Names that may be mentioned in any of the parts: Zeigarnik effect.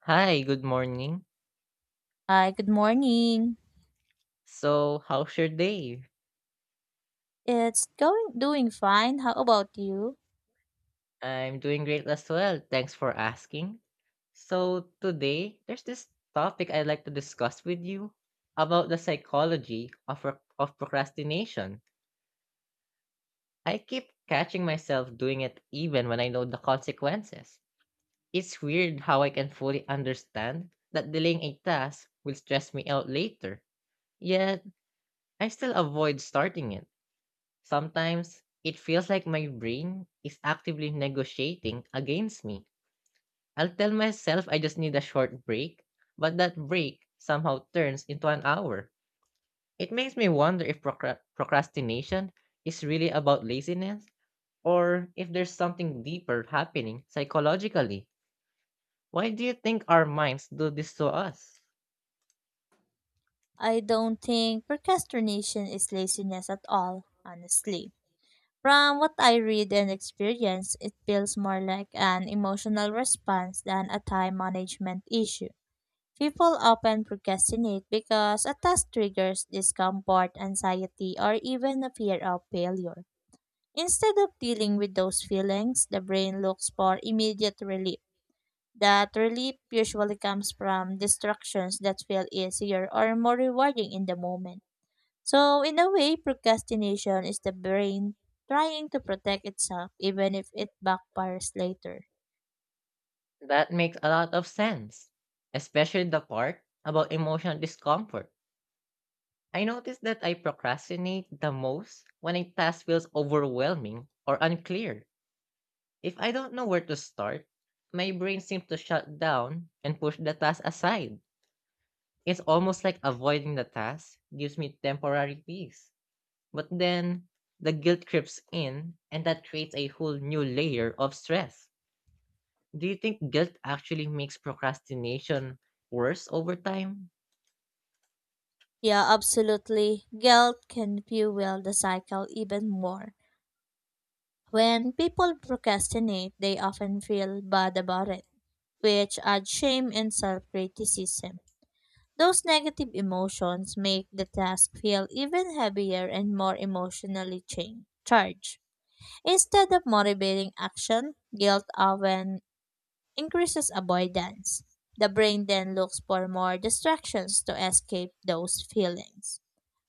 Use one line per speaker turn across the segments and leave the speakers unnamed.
Hi, good morning.
Hi, good morning.
So, how's your day?
It's going doing fine. How about you?
I'm doing great as well. Thanks for asking. So, today there's this topic I'd like to discuss with you about the psychology of of procrastination. I keep catching myself doing it even when I know the consequences. It's weird how I can fully understand that delaying a task will stress me out later, yet I still avoid starting it. Sometimes it feels like my brain is actively negotiating against me. I'll tell myself I just need a short break, but that break somehow turns into an hour. It makes me wonder if procrastination is really about laziness or if there's something deeper happening psychologically. Why do you think our minds do this to us?
I don't think procrastination is laziness at all, honestly. From what I read and experience, it feels more like an emotional response than a time management issue. People often procrastinate because a task triggers discomfort, anxiety, or even a fear of failure. Instead of dealing with those feelings, the brain looks for immediate relief. That relief usually comes from distractions that feel easier or more rewarding in the moment. So, in a way, procrastination is the brain trying to protect itself even if it backfires later.
That makes a lot of sense, especially the part about emotional discomfort. I noticed that I procrastinate the most when a task feels overwhelming or unclear. If I don't know where to start, my brain seems to shut down and push the task aside. It's almost like avoiding the task gives me temporary peace. But then the guilt creeps in, and that creates a whole new layer of stress. Do you think guilt actually makes procrastination worse over time?
Yeah, absolutely. Guilt can fuel the cycle even more. When people procrastinate, they often feel bad about it, which adds shame and self criticism. Those negative emotions make the task feel even heavier and more emotionally charged. Instead of motivating action, guilt often increases avoidance. The brain then looks for more distractions to escape those feelings.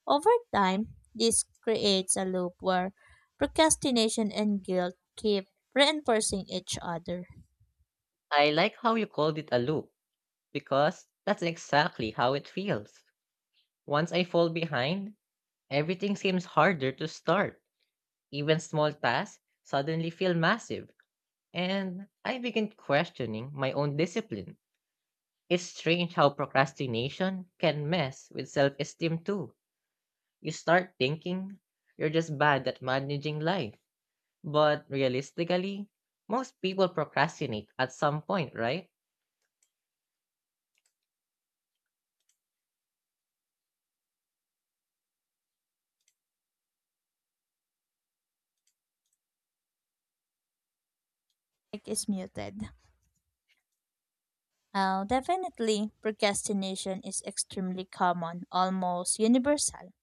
Over time, this creates a loop where procrastination and guilt keep reinforcing each other.
I like how you called it a loop because that's exactly how it feels. Once I fall behind, everything seems harder to start. Even small tasks suddenly feel massive, and I begin questioning my own discipline. It's strange how procrastination can mess with self esteem too. You start thinking you're just bad at managing life. But realistically, most people procrastinate at some point, right?
Mic is muted. Oh, definitely. Procrastination is extremely common, almost universal.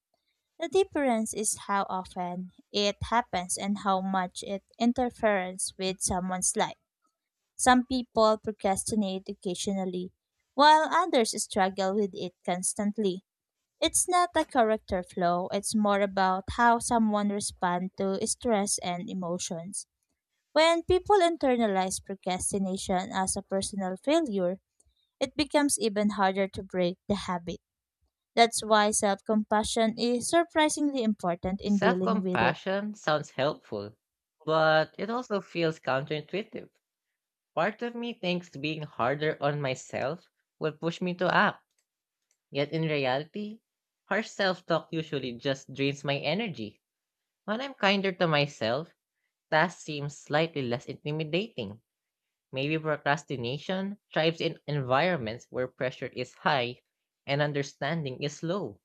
The difference is how often it happens and how much it interferes with someone's life. Some people procrastinate occasionally, while others struggle with it constantly. It's not a character flaw, it's more about how someone responds to stress and emotions. When people internalize procrastination as a personal failure, it becomes even harder to break the habit. That's why self compassion is surprisingly important in
Self
dealing with it.
compassion sounds helpful, but it also feels counterintuitive. Part of me thinks being harder on myself will push me to act. Yet in reality, harsh self talk usually just drains my energy. When I'm kinder to myself, tasks seem slightly less intimidating. Maybe procrastination thrives in environments where pressure is high and understanding is low.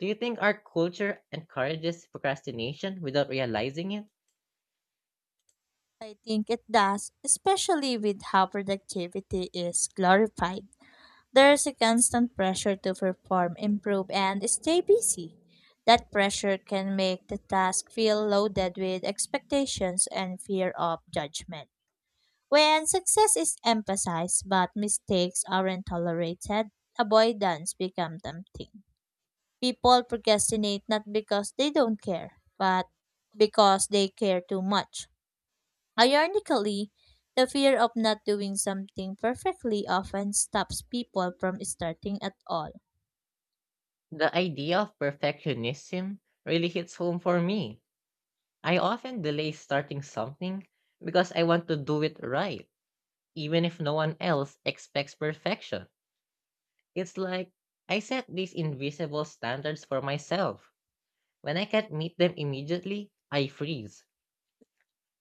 Do you think our culture encourages procrastination without realizing it?
I think it does, especially with how productivity is glorified. There's a constant pressure to perform, improve, and stay busy. That pressure can make the task feel loaded with expectations and fear of judgment. When success is emphasized but mistakes aren't tolerated, avoidance becomes tempting. People procrastinate not because they don't care, but because they care too much. Ironically, the fear of not doing something perfectly often stops people from starting at all.
The idea of perfectionism really hits home for me. I often delay starting something because I want to do it right, even if no one else expects perfection. It's like I set these invisible standards for myself. When I can't meet them immediately, I freeze.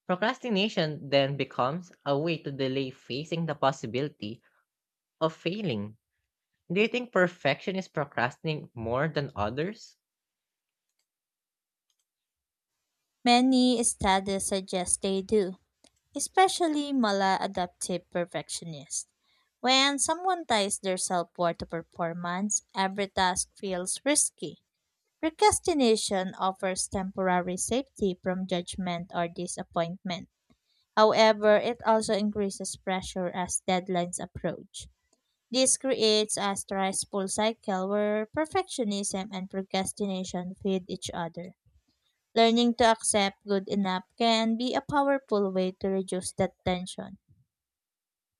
Procrastination then becomes a way to delay facing the possibility of failing. Do you think perfection is procrastinating more than others?
Many studies suggest they do, especially maladaptive perfectionists. When someone ties their self worth to performance, every task feels risky. Procrastination offers temporary safety from judgment or disappointment. However, it also increases pressure as deadlines approach. This creates a stressful cycle where perfectionism and procrastination feed each other. Learning to accept good enough can be a powerful way to reduce that tension.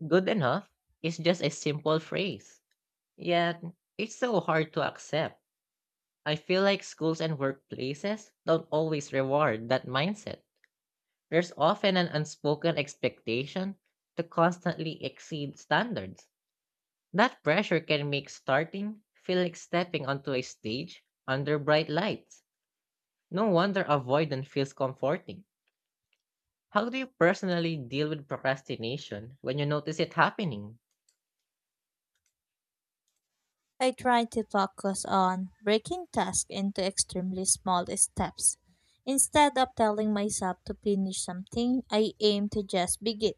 Good enough is just a simple phrase. Yet, it's so hard to accept. I feel like schools and workplaces don't always reward that mindset. There's often an unspoken expectation to constantly exceed standards. That pressure can make starting feel like stepping onto a stage under bright lights. No wonder avoidance feels comforting. How do you personally deal with procrastination when you notice it happening?
I try to focus on breaking tasks into extremely small steps. Instead of telling myself to finish something, I aim to just begin.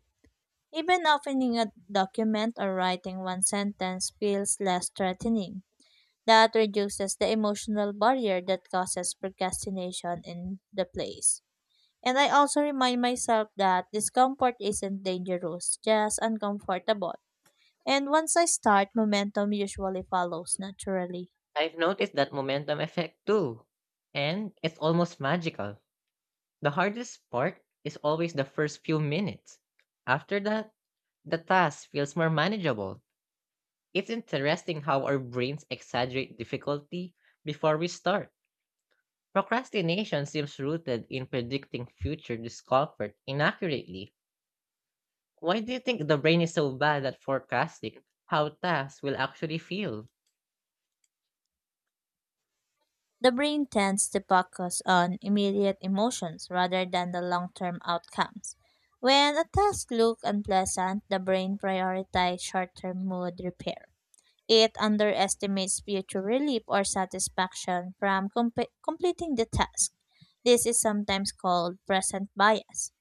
Even opening a document or writing one sentence feels less threatening. That reduces the emotional barrier that causes procrastination in the place. And I also remind myself that discomfort isn't dangerous, just uncomfortable. And once I start, momentum usually follows naturally.
I've noticed that momentum effect too, and it's almost magical. The hardest part is always the first few minutes. After that, the task feels more manageable. It's interesting how our brains exaggerate difficulty before we start. Procrastination seems rooted in predicting future discomfort inaccurately. Why do you think the brain is so bad at forecasting how tasks will actually feel?
The brain tends to focus on immediate emotions rather than the long term outcomes. When a task looks unpleasant, the brain prioritizes short term mood repair. It underestimates future relief or satisfaction from completing the task. This is sometimes called present bias,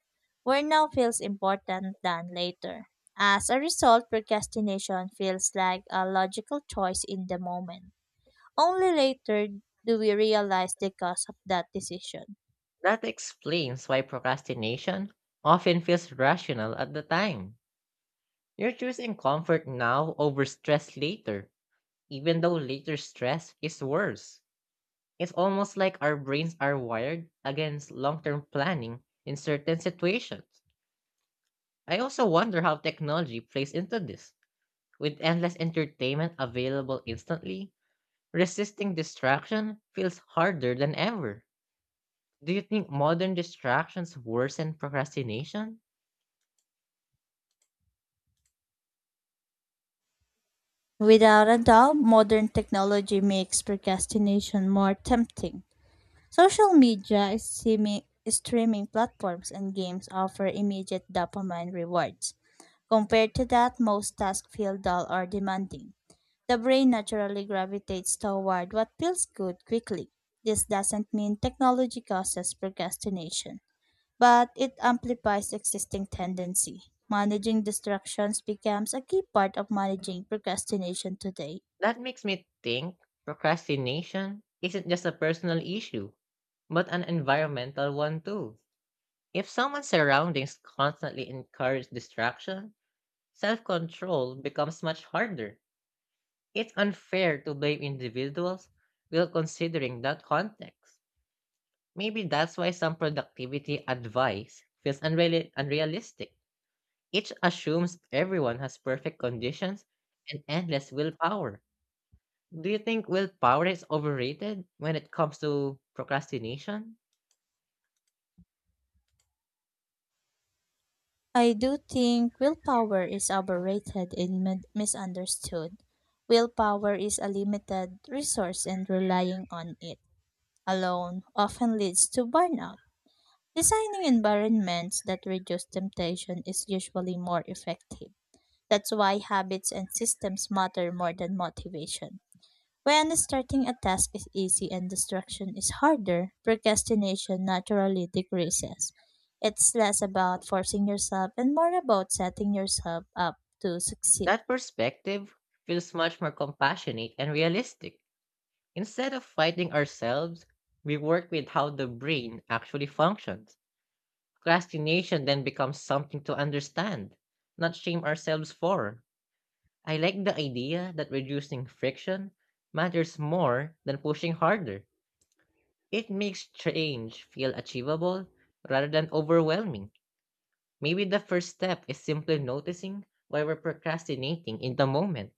where now feels important than later. As a result, procrastination feels like a logical choice in the moment. Only later do we realize the cost of that decision.
That explains why procrastination often feels rational at the time. You're choosing comfort now over stress later even though later stress is worse. It's almost like our brains are wired against long term planning in certain situations. I also wonder how technology plays into this. With endless entertainment available instantly, resisting distraction feels harder than ever. Do you think modern distractions worsen procrastination?
Without a doubt, modern technology makes procrastination more tempting. Social media, streaming platforms, and games offer immediate dopamine rewards. Compared to that, most tasks feel dull or demanding. The brain naturally gravitates toward what feels good quickly. This doesn't mean technology causes procrastination, but it amplifies existing tendency. Managing distractions becomes a key part of managing procrastination today.
That makes me think procrastination isn't just a personal issue, but an environmental one too. If someone's surroundings constantly encourage distraction, self control becomes much harder. It's unfair to blame individuals without considering that context. Maybe that's why some productivity advice feels unrealistic. It assumes everyone has perfect conditions and endless willpower. Do you think willpower is overrated when it comes to procrastination?
I do think willpower is overrated and misunderstood. Willpower is a limited resource, and relying on it alone often leads to burnout. Designing environments that reduce temptation is usually more effective. That's why habits and systems matter more than motivation. When starting a task is easy and distraction is harder, procrastination naturally decreases. It's less about forcing yourself and more about setting yourself up to succeed.
That perspective feels much more compassionate and realistic. Instead of fighting ourselves, we work with how the brain actually functions. Procrastination then becomes something to understand, not shame ourselves for. I like the idea that reducing friction matters more than pushing harder. It makes change feel achievable rather than overwhelming. Maybe the first step is simply noticing why we're procrastinating in the moment.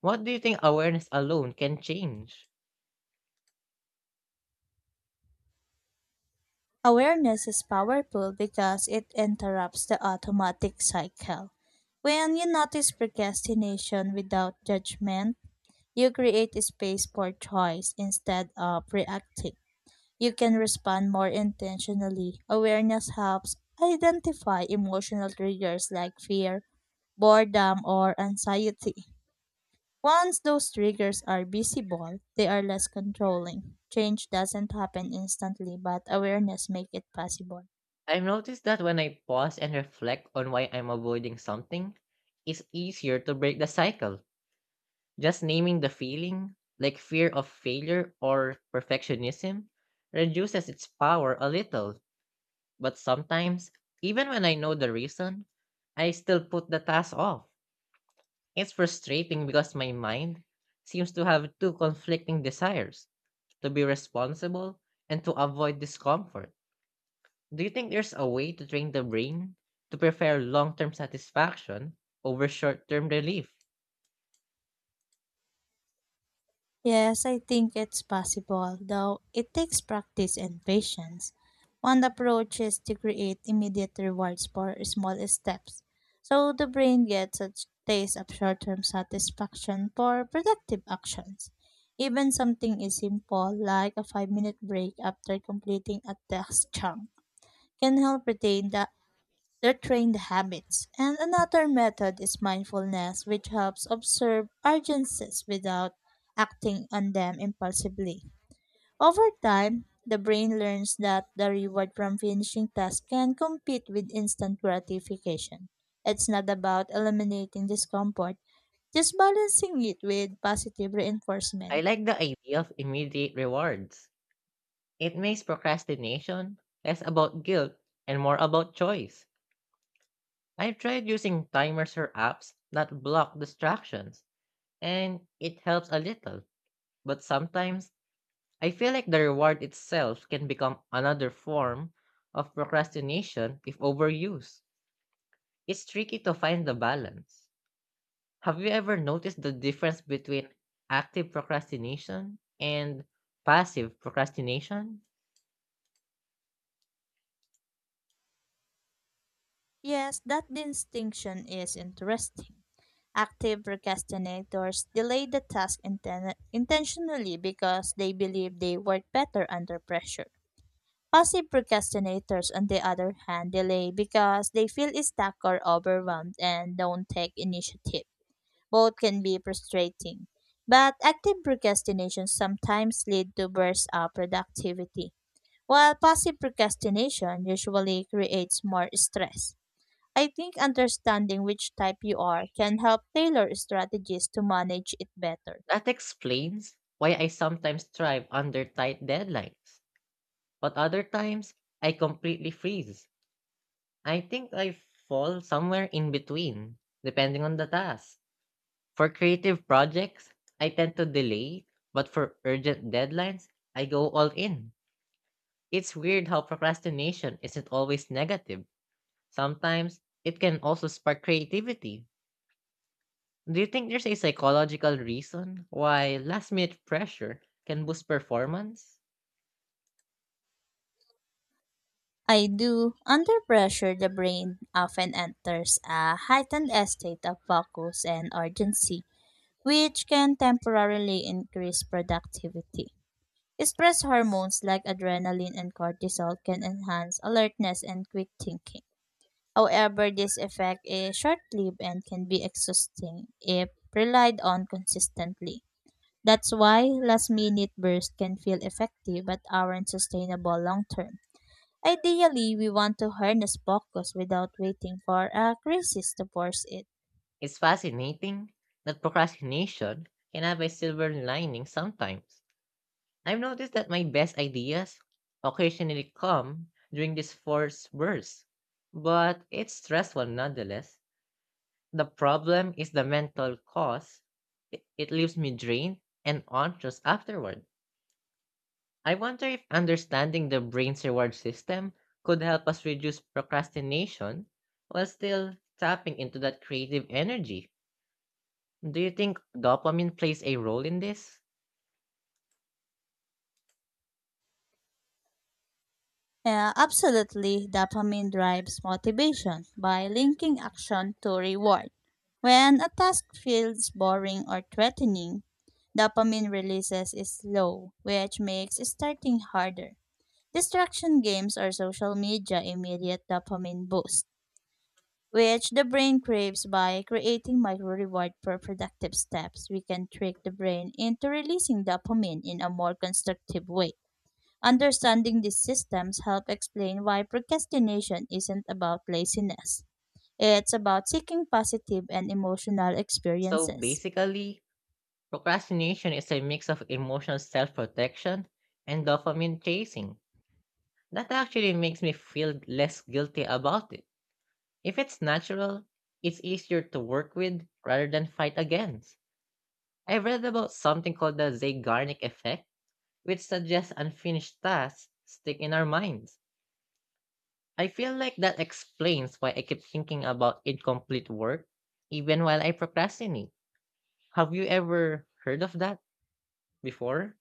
What do you think awareness alone can change?
Awareness is powerful because it interrupts the automatic cycle. When you notice procrastination without judgment, you create a space for choice instead of reacting. You can respond more intentionally. Awareness helps identify emotional triggers like fear, boredom, or anxiety. Once those triggers are visible, they are less controlling. Change doesn't happen instantly, but awareness makes it possible.
I've noticed that when I pause and reflect on why I'm avoiding something, it's easier to break the cycle. Just naming the feeling, like fear of failure or perfectionism, reduces its power a little. But sometimes, even when I know the reason, I still put the task off. It's frustrating because my mind seems to have two conflicting desires to be responsible and to avoid discomfort. Do you think there's a way to train the brain to prefer long term satisfaction over short term relief?
Yes, I think it's possible, though it takes practice and patience. One approach is to create immediate rewards for small steps, so the brain gets a taste of short term satisfaction for productive actions. Even something as simple like a 5-minute minute break after completing a task chunk can help retain the they're trained habits. And another method is mindfulness, which helps observe urgencies without acting on them impulsively. Over time, the brain learns that the reward from finishing tasks can compete with instant gratification. It's not about eliminating discomfort, just balancing it with positive
I
reinforcement.
like the idea of immediate rewards. It makes procrastination less about guilt and more about choice. I've tried using timers or apps that block distractions, and it helps a little. But sometimes I feel like the reward itself can become another form of procrastination if overused. It's tricky to find the balance. Have you ever noticed the difference between active procrastination and passive procrastination?
Yes, that distinction is interesting. Active procrastinators delay the task intentionally because they believe they work better under pressure. Passive procrastinators, on the other hand, delay because they feel stuck or overwhelmed and don't take initiative. Both can be frustrating. But active procrastination sometimes lead to bursts of productivity, while passive procrastination usually creates more stress. I think understanding which type you are can help tailor strategies to manage it better.
That explains why I sometimes thrive under tight deadlines, but other times I completely freeze. I think I fall somewhere in between, depending on the task. For creative projects, I tend to delay, but for urgent deadlines, I go all in. It's weird how procrastination isn't always negative. Sometimes it can also spark creativity. Do you think there's a psychological reason why last minute pressure can boost performance?
I do. Under pressure, the brain often enters a heightened state of focus and urgency, which can temporarily increase productivity. Stress hormones like adrenaline and cortisol can enhance alertness and quick thinking. However, this effect is short lived and can be exhausting if relied on consistently. That's why last minute bursts can feel effective but aren't sustainable long term. Ideally, we want to harness focus without waiting for a crisis to force it.
It's fascinating that procrastination can have a silver lining sometimes. I've noticed that my best ideas occasionally come during this forced bursts, but it's stressful nonetheless. The problem is the mental cost; it leaves me drained and anxious afterward. I wonder if understanding the brain's reward system could help us reduce procrastination while still tapping into that creative energy. Do you think dopamine plays a role in this?
Absolutely, dopamine drives motivation by linking action to reward. When a task feels boring or threatening, dopamine releases is low, which makes starting harder. Distraction games or social media immediate dopamine boosts which the brain craves by creating micro reward per productive steps. We can trick the brain into releasing dopamine in a more constructive way. Understanding these systems help explain why procrastination isn't about laziness. It's about seeking positive and emotional
So
experiences.
basically, procrastination is a mix of emotional self protection and dopamine chasing. That actually makes me feel less guilty about it. If it's natural, it's easier to work with rather than fight against. I read about something called the Zeigarnik effect which suggests unfinished tasks stick in our minds. I feel like that explains why I keep thinking about incomplete work even while I procrastinate. Have you ever heard of that before?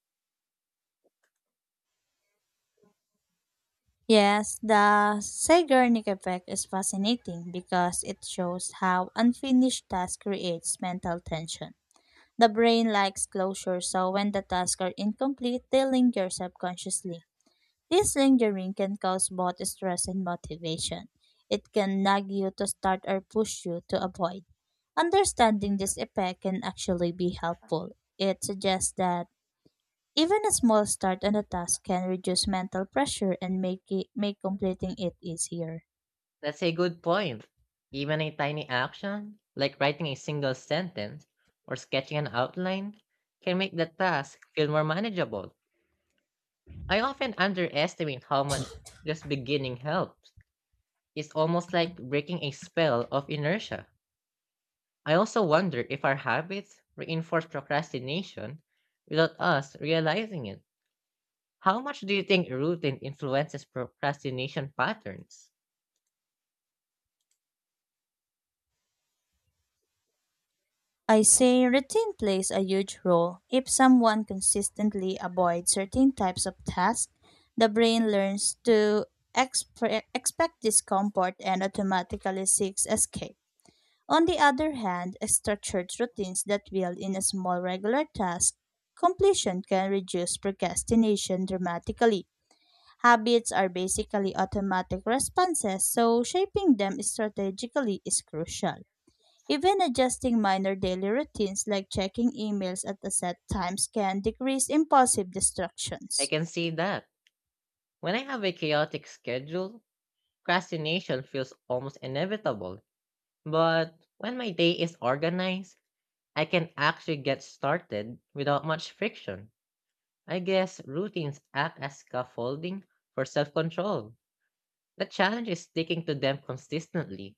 Yes, the Zeigarnik effect is fascinating because it shows how unfinished task creates mental tension. The brain likes closure, so when the tasks are incomplete, they linger subconsciously. This lingering can cause both stress and motivation. It can nag you to start or push you to avoid. Understanding this effect can actually be helpful. It suggests that even a small start on a task can reduce mental pressure and make it make completing it easier.
That's a good point. Even a tiny action, like writing a single sentence or sketching an outline, can make the task feel more manageable. I often underestimate how much just beginning helps. It's almost like breaking a spell of inertia. I also wonder if our habits reinforce procrastination without us realizing it. How much do you think routine influences procrastination patterns?
I say routine plays a huge role. If someone consistently avoids certain types of tasks, the brain learns to expect discomfort and automatically seeks escape. On the other hand, structured routines that build in a small regular task completion can reduce procrastination dramatically. Habits are basically automatic responses, so shaping them strategically is crucial. Even adjusting minor daily routines like checking emails at the set times can decrease impulsive
I
distractions.
can see that. When I have a chaotic schedule, procrastination feels almost inevitable. But when my day is organized, I can actually get started without much friction. I guess routines act as scaffolding for self control. The challenge is sticking to them consistently.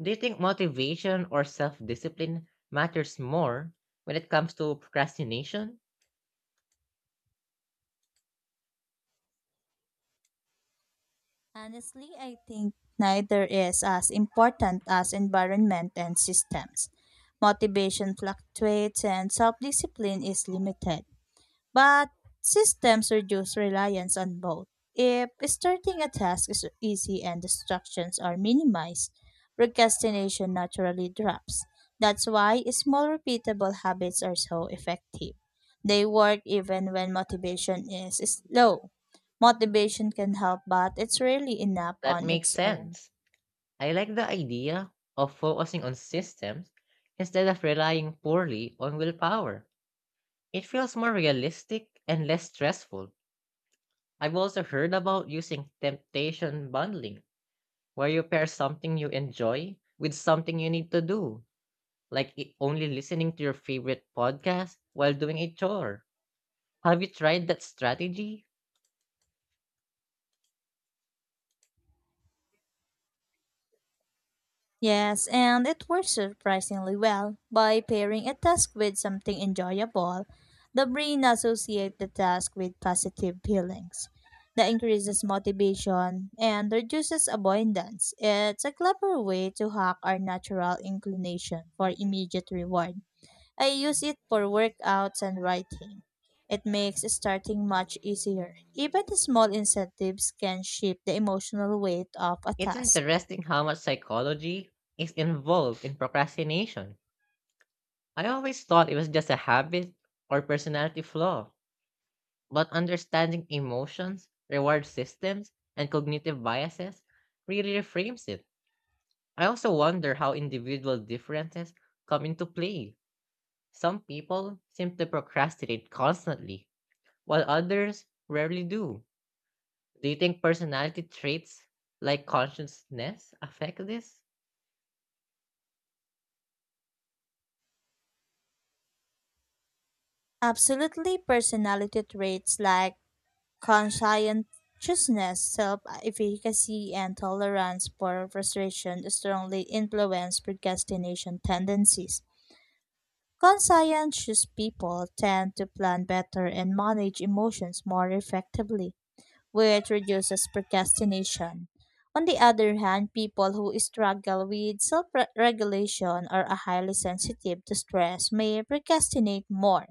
Do you think motivation or self discipline matters more when it comes to procrastination?
Honestly, I think neither is as important as environment and systems. Motivation fluctuates and self discipline is limited. But systems reduce reliance on both. If starting a task is easy and distractions are minimized, procrastination naturally drops. That's why small repeatable habits are so effective. They work even when motivation is slow. Motivation can help, but it's rarely enough
That
on
makes
its own.
sense. I like the idea of focusing on systems instead of relying poorly on willpower. It feels more realistic and less stressful. I've also heard about using temptation bundling, where you pair something you enjoy with something you need to do, like only listening to your favorite podcast while doing a chore. Have you tried that strategy?
Yes, and it works surprisingly well. By pairing a task with something enjoyable, the brain associates the task with positive feelings. That increases motivation and reduces avoidance. It's a clever way to hack our natural inclination for immediate reward. I use it for workouts and writing. It makes starting much easier. Even the small incentives can shift the emotional weight of a
It's
task.
interesting how much psychology is involved in procrastination. I always thought it was just a habit or personality flaw, but understanding emotions, reward systems, and cognitive biases really reframes it. I also wonder how individual differences come into play. Some people seem to procrastinate constantly, while others rarely do. Do you think personality traits like consciousness affect this?
Absolutely, personality traits like conscientiousness, self efficacy, and tolerance for frustration strongly influence procrastination tendencies. Conscientious people tend to plan better and manage emotions more effectively, which reduces procrastination. On the other hand, people who struggle with self regulation or are highly sensitive to stress may procrastinate more.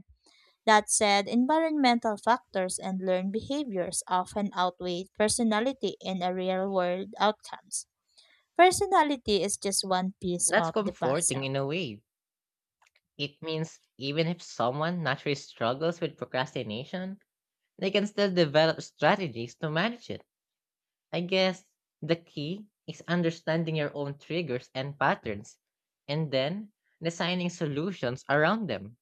That said, environmental factors and learned behaviors often outweigh personality in a real world outcomes. Personality is just one piece
That's
of the
comforting
puzzle.
in a way. It means even if someone naturally struggles with procrastination, they can still develop strategies to manage it. I guess the key is understanding your own triggers and patterns and then designing solutions around them.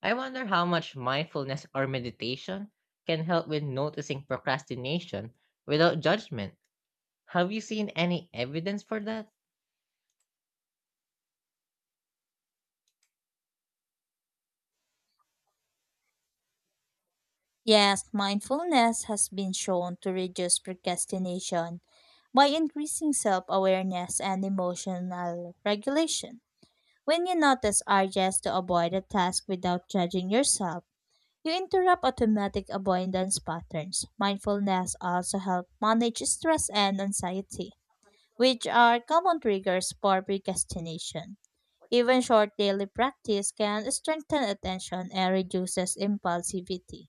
I wonder how much mindfulness or meditation can help with noticing procrastination without judgment. Have you seen any evidence for that?
Yes, mindfulness has been shown to reduce procrastination by increasing self awareness and emotional regulation. When you notice urges to avoid a task without judging yourself, you interrupt automatic avoidance patterns. Mindfulness also helps manage stress and anxiety, which are common triggers for procrastination. Even short daily practice can strengthen attention and reduces impulsivity.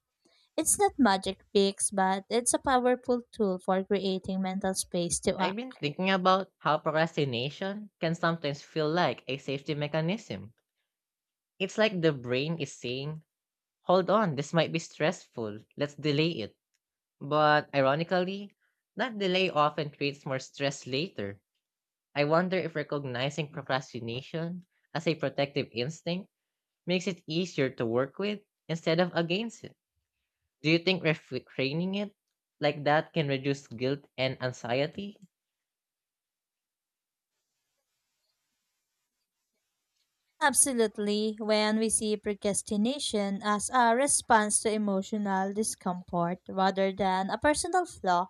It's not magic fix, but it's a powerful tool for creating mental space to
I've been
act.
thinking about how procrastination can sometimes feel like a safety mechanism. It's like the brain is saying, hold on, this might be stressful, let's delay it. But ironically, that delay often creates more stress later. I wonder if recognizing procrastination as a protective instinct makes it easier to work with instead of against it. Do you think refraining it like that can reduce guilt and anxiety?
Absolutely, when we see procrastination as a response to emotional discomfort rather than a personal flaw,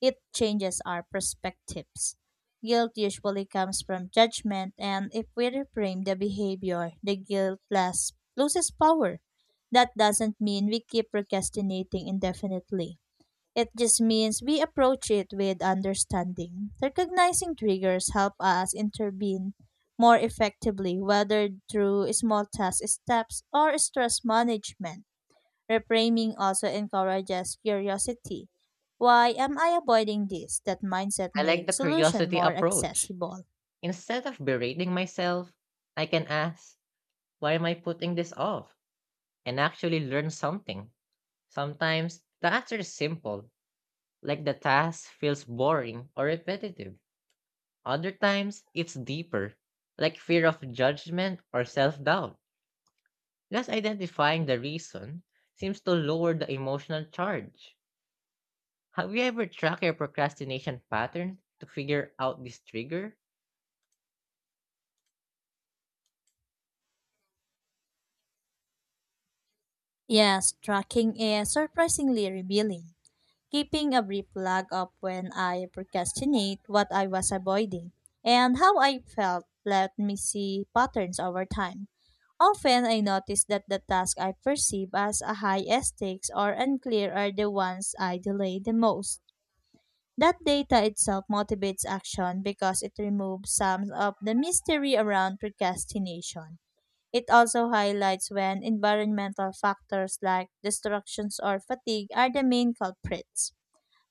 it changes our perspectives. Guilt usually comes from judgment, and if we reframe the behavior, the guilt less, loses power. That doesn't mean we keep procrastinating indefinitely. It just means we approach it with understanding. Recognizing triggers help us intervene more effectively, whether through small task steps or stress management. Reframing also encourages curiosity. Why am I avoiding this? That mindset
I like the
makes solution
curiosity
more
approach.
accessible.
Instead of berating myself, I can ask, why am I putting this off? And actually learn something. Sometimes the answer is simple, like the task feels boring or repetitive. Other times, it's deeper, like fear of judgment or self doubt. Just identifying the reason seems to lower the emotional charge. Have you ever tracked your procrastination pattern to figure out this trigger?
Yes, tracking is surprisingly revealing. Keeping a brief log of when I procrastinate, what I was avoiding, and how I felt let me see patterns over time. Often I notice that the tasks I perceive as a high stakes or unclear are the ones I delay the most. That data itself motivates action because it removes some of the mystery around procrastination. It also highlights when environmental factors like distractions or fatigue are the main culprits.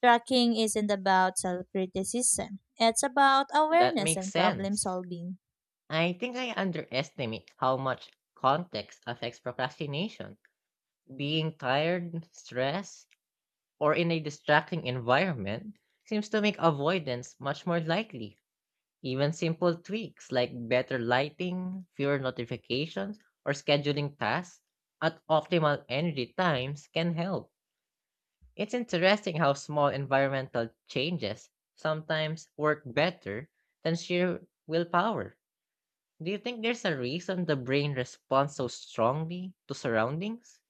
Tracking isn't about self criticism, it's about
That
awareness
makes
and problem
sense.
solving.
I think I underestimate how much context affects procrastination. Being tired, stressed, or in a distracting environment seems to make avoidance much more likely. Even simple tweaks like better lighting, fewer notifications, or scheduling tasks at optimal energy times can help. It's interesting how small environmental changes sometimes work better than sheer willpower. Do you think there's a reason the brain responds so strongly to surroundings?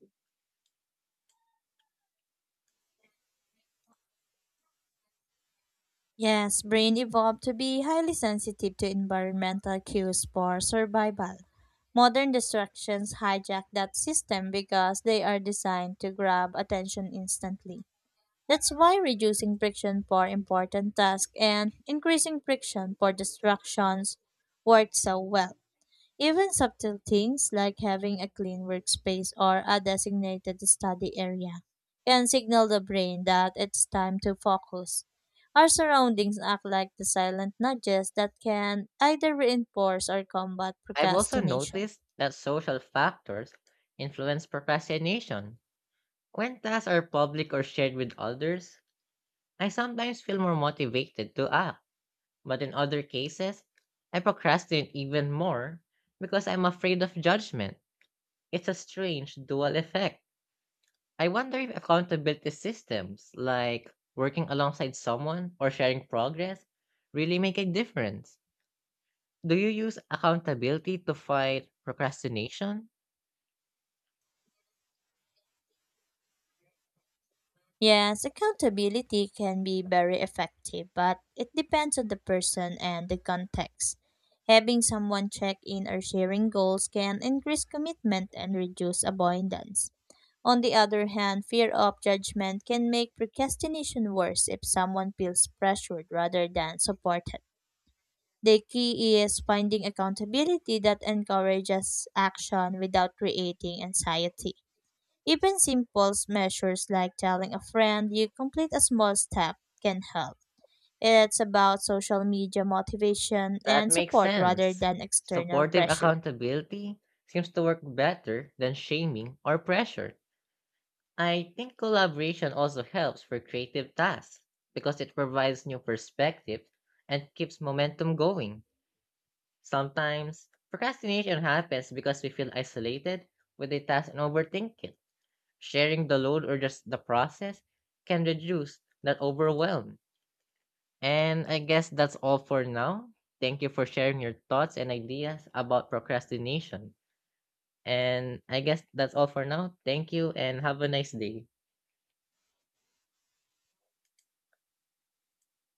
Yes, brain evolved to be highly sensitive to environmental cues for survival. Modern distractions hijack that system because they are designed to grab attention instantly. That's why reducing friction for important tasks and increasing friction for distractions work so well. Even subtle things like having a clean workspace or a designated study area can signal the brain that it's time to focus. Our surroundings act like the silent nudges that can either reinforce or combat
I've also
procrastination.
noticed that social factors influence procrastination. When tasks are public or shared with others, I sometimes feel more motivated to act, but in other cases, I procrastinate even more because I'm afraid of judgment. It's a strange dual effect. I wonder if accountability systems, like working alongside someone or sharing progress, really make a difference. Do you use accountability to fight procrastination?
Yes, accountability can be very effective, but it depends on the person and the context. Having someone check in or sharing goals can increase commitment and reduce avoidance. On the other hand, fear of judgment can make procrastination worse if someone feels pressured rather than supported. The key is finding accountability that encourages action without creating anxiety. Even simple measures like telling a friend you complete a small step can help. It's about social media motivation
That
and
makes
support rather
sense.
than external
Supportive
pressure.
accountability seems to work better than shaming or pressure. I think collaboration also helps for creative tasks because it provides new perspectives and keeps momentum going. Sometimes procrastination happens because we feel isolated with a task and overthink it. Sharing the load or just the process can reduce that overwhelm. And I guess that's all for now. Thank you for sharing your thoughts and ideas about procrastination. And I guess that's all for now. Thank you and have a nice day.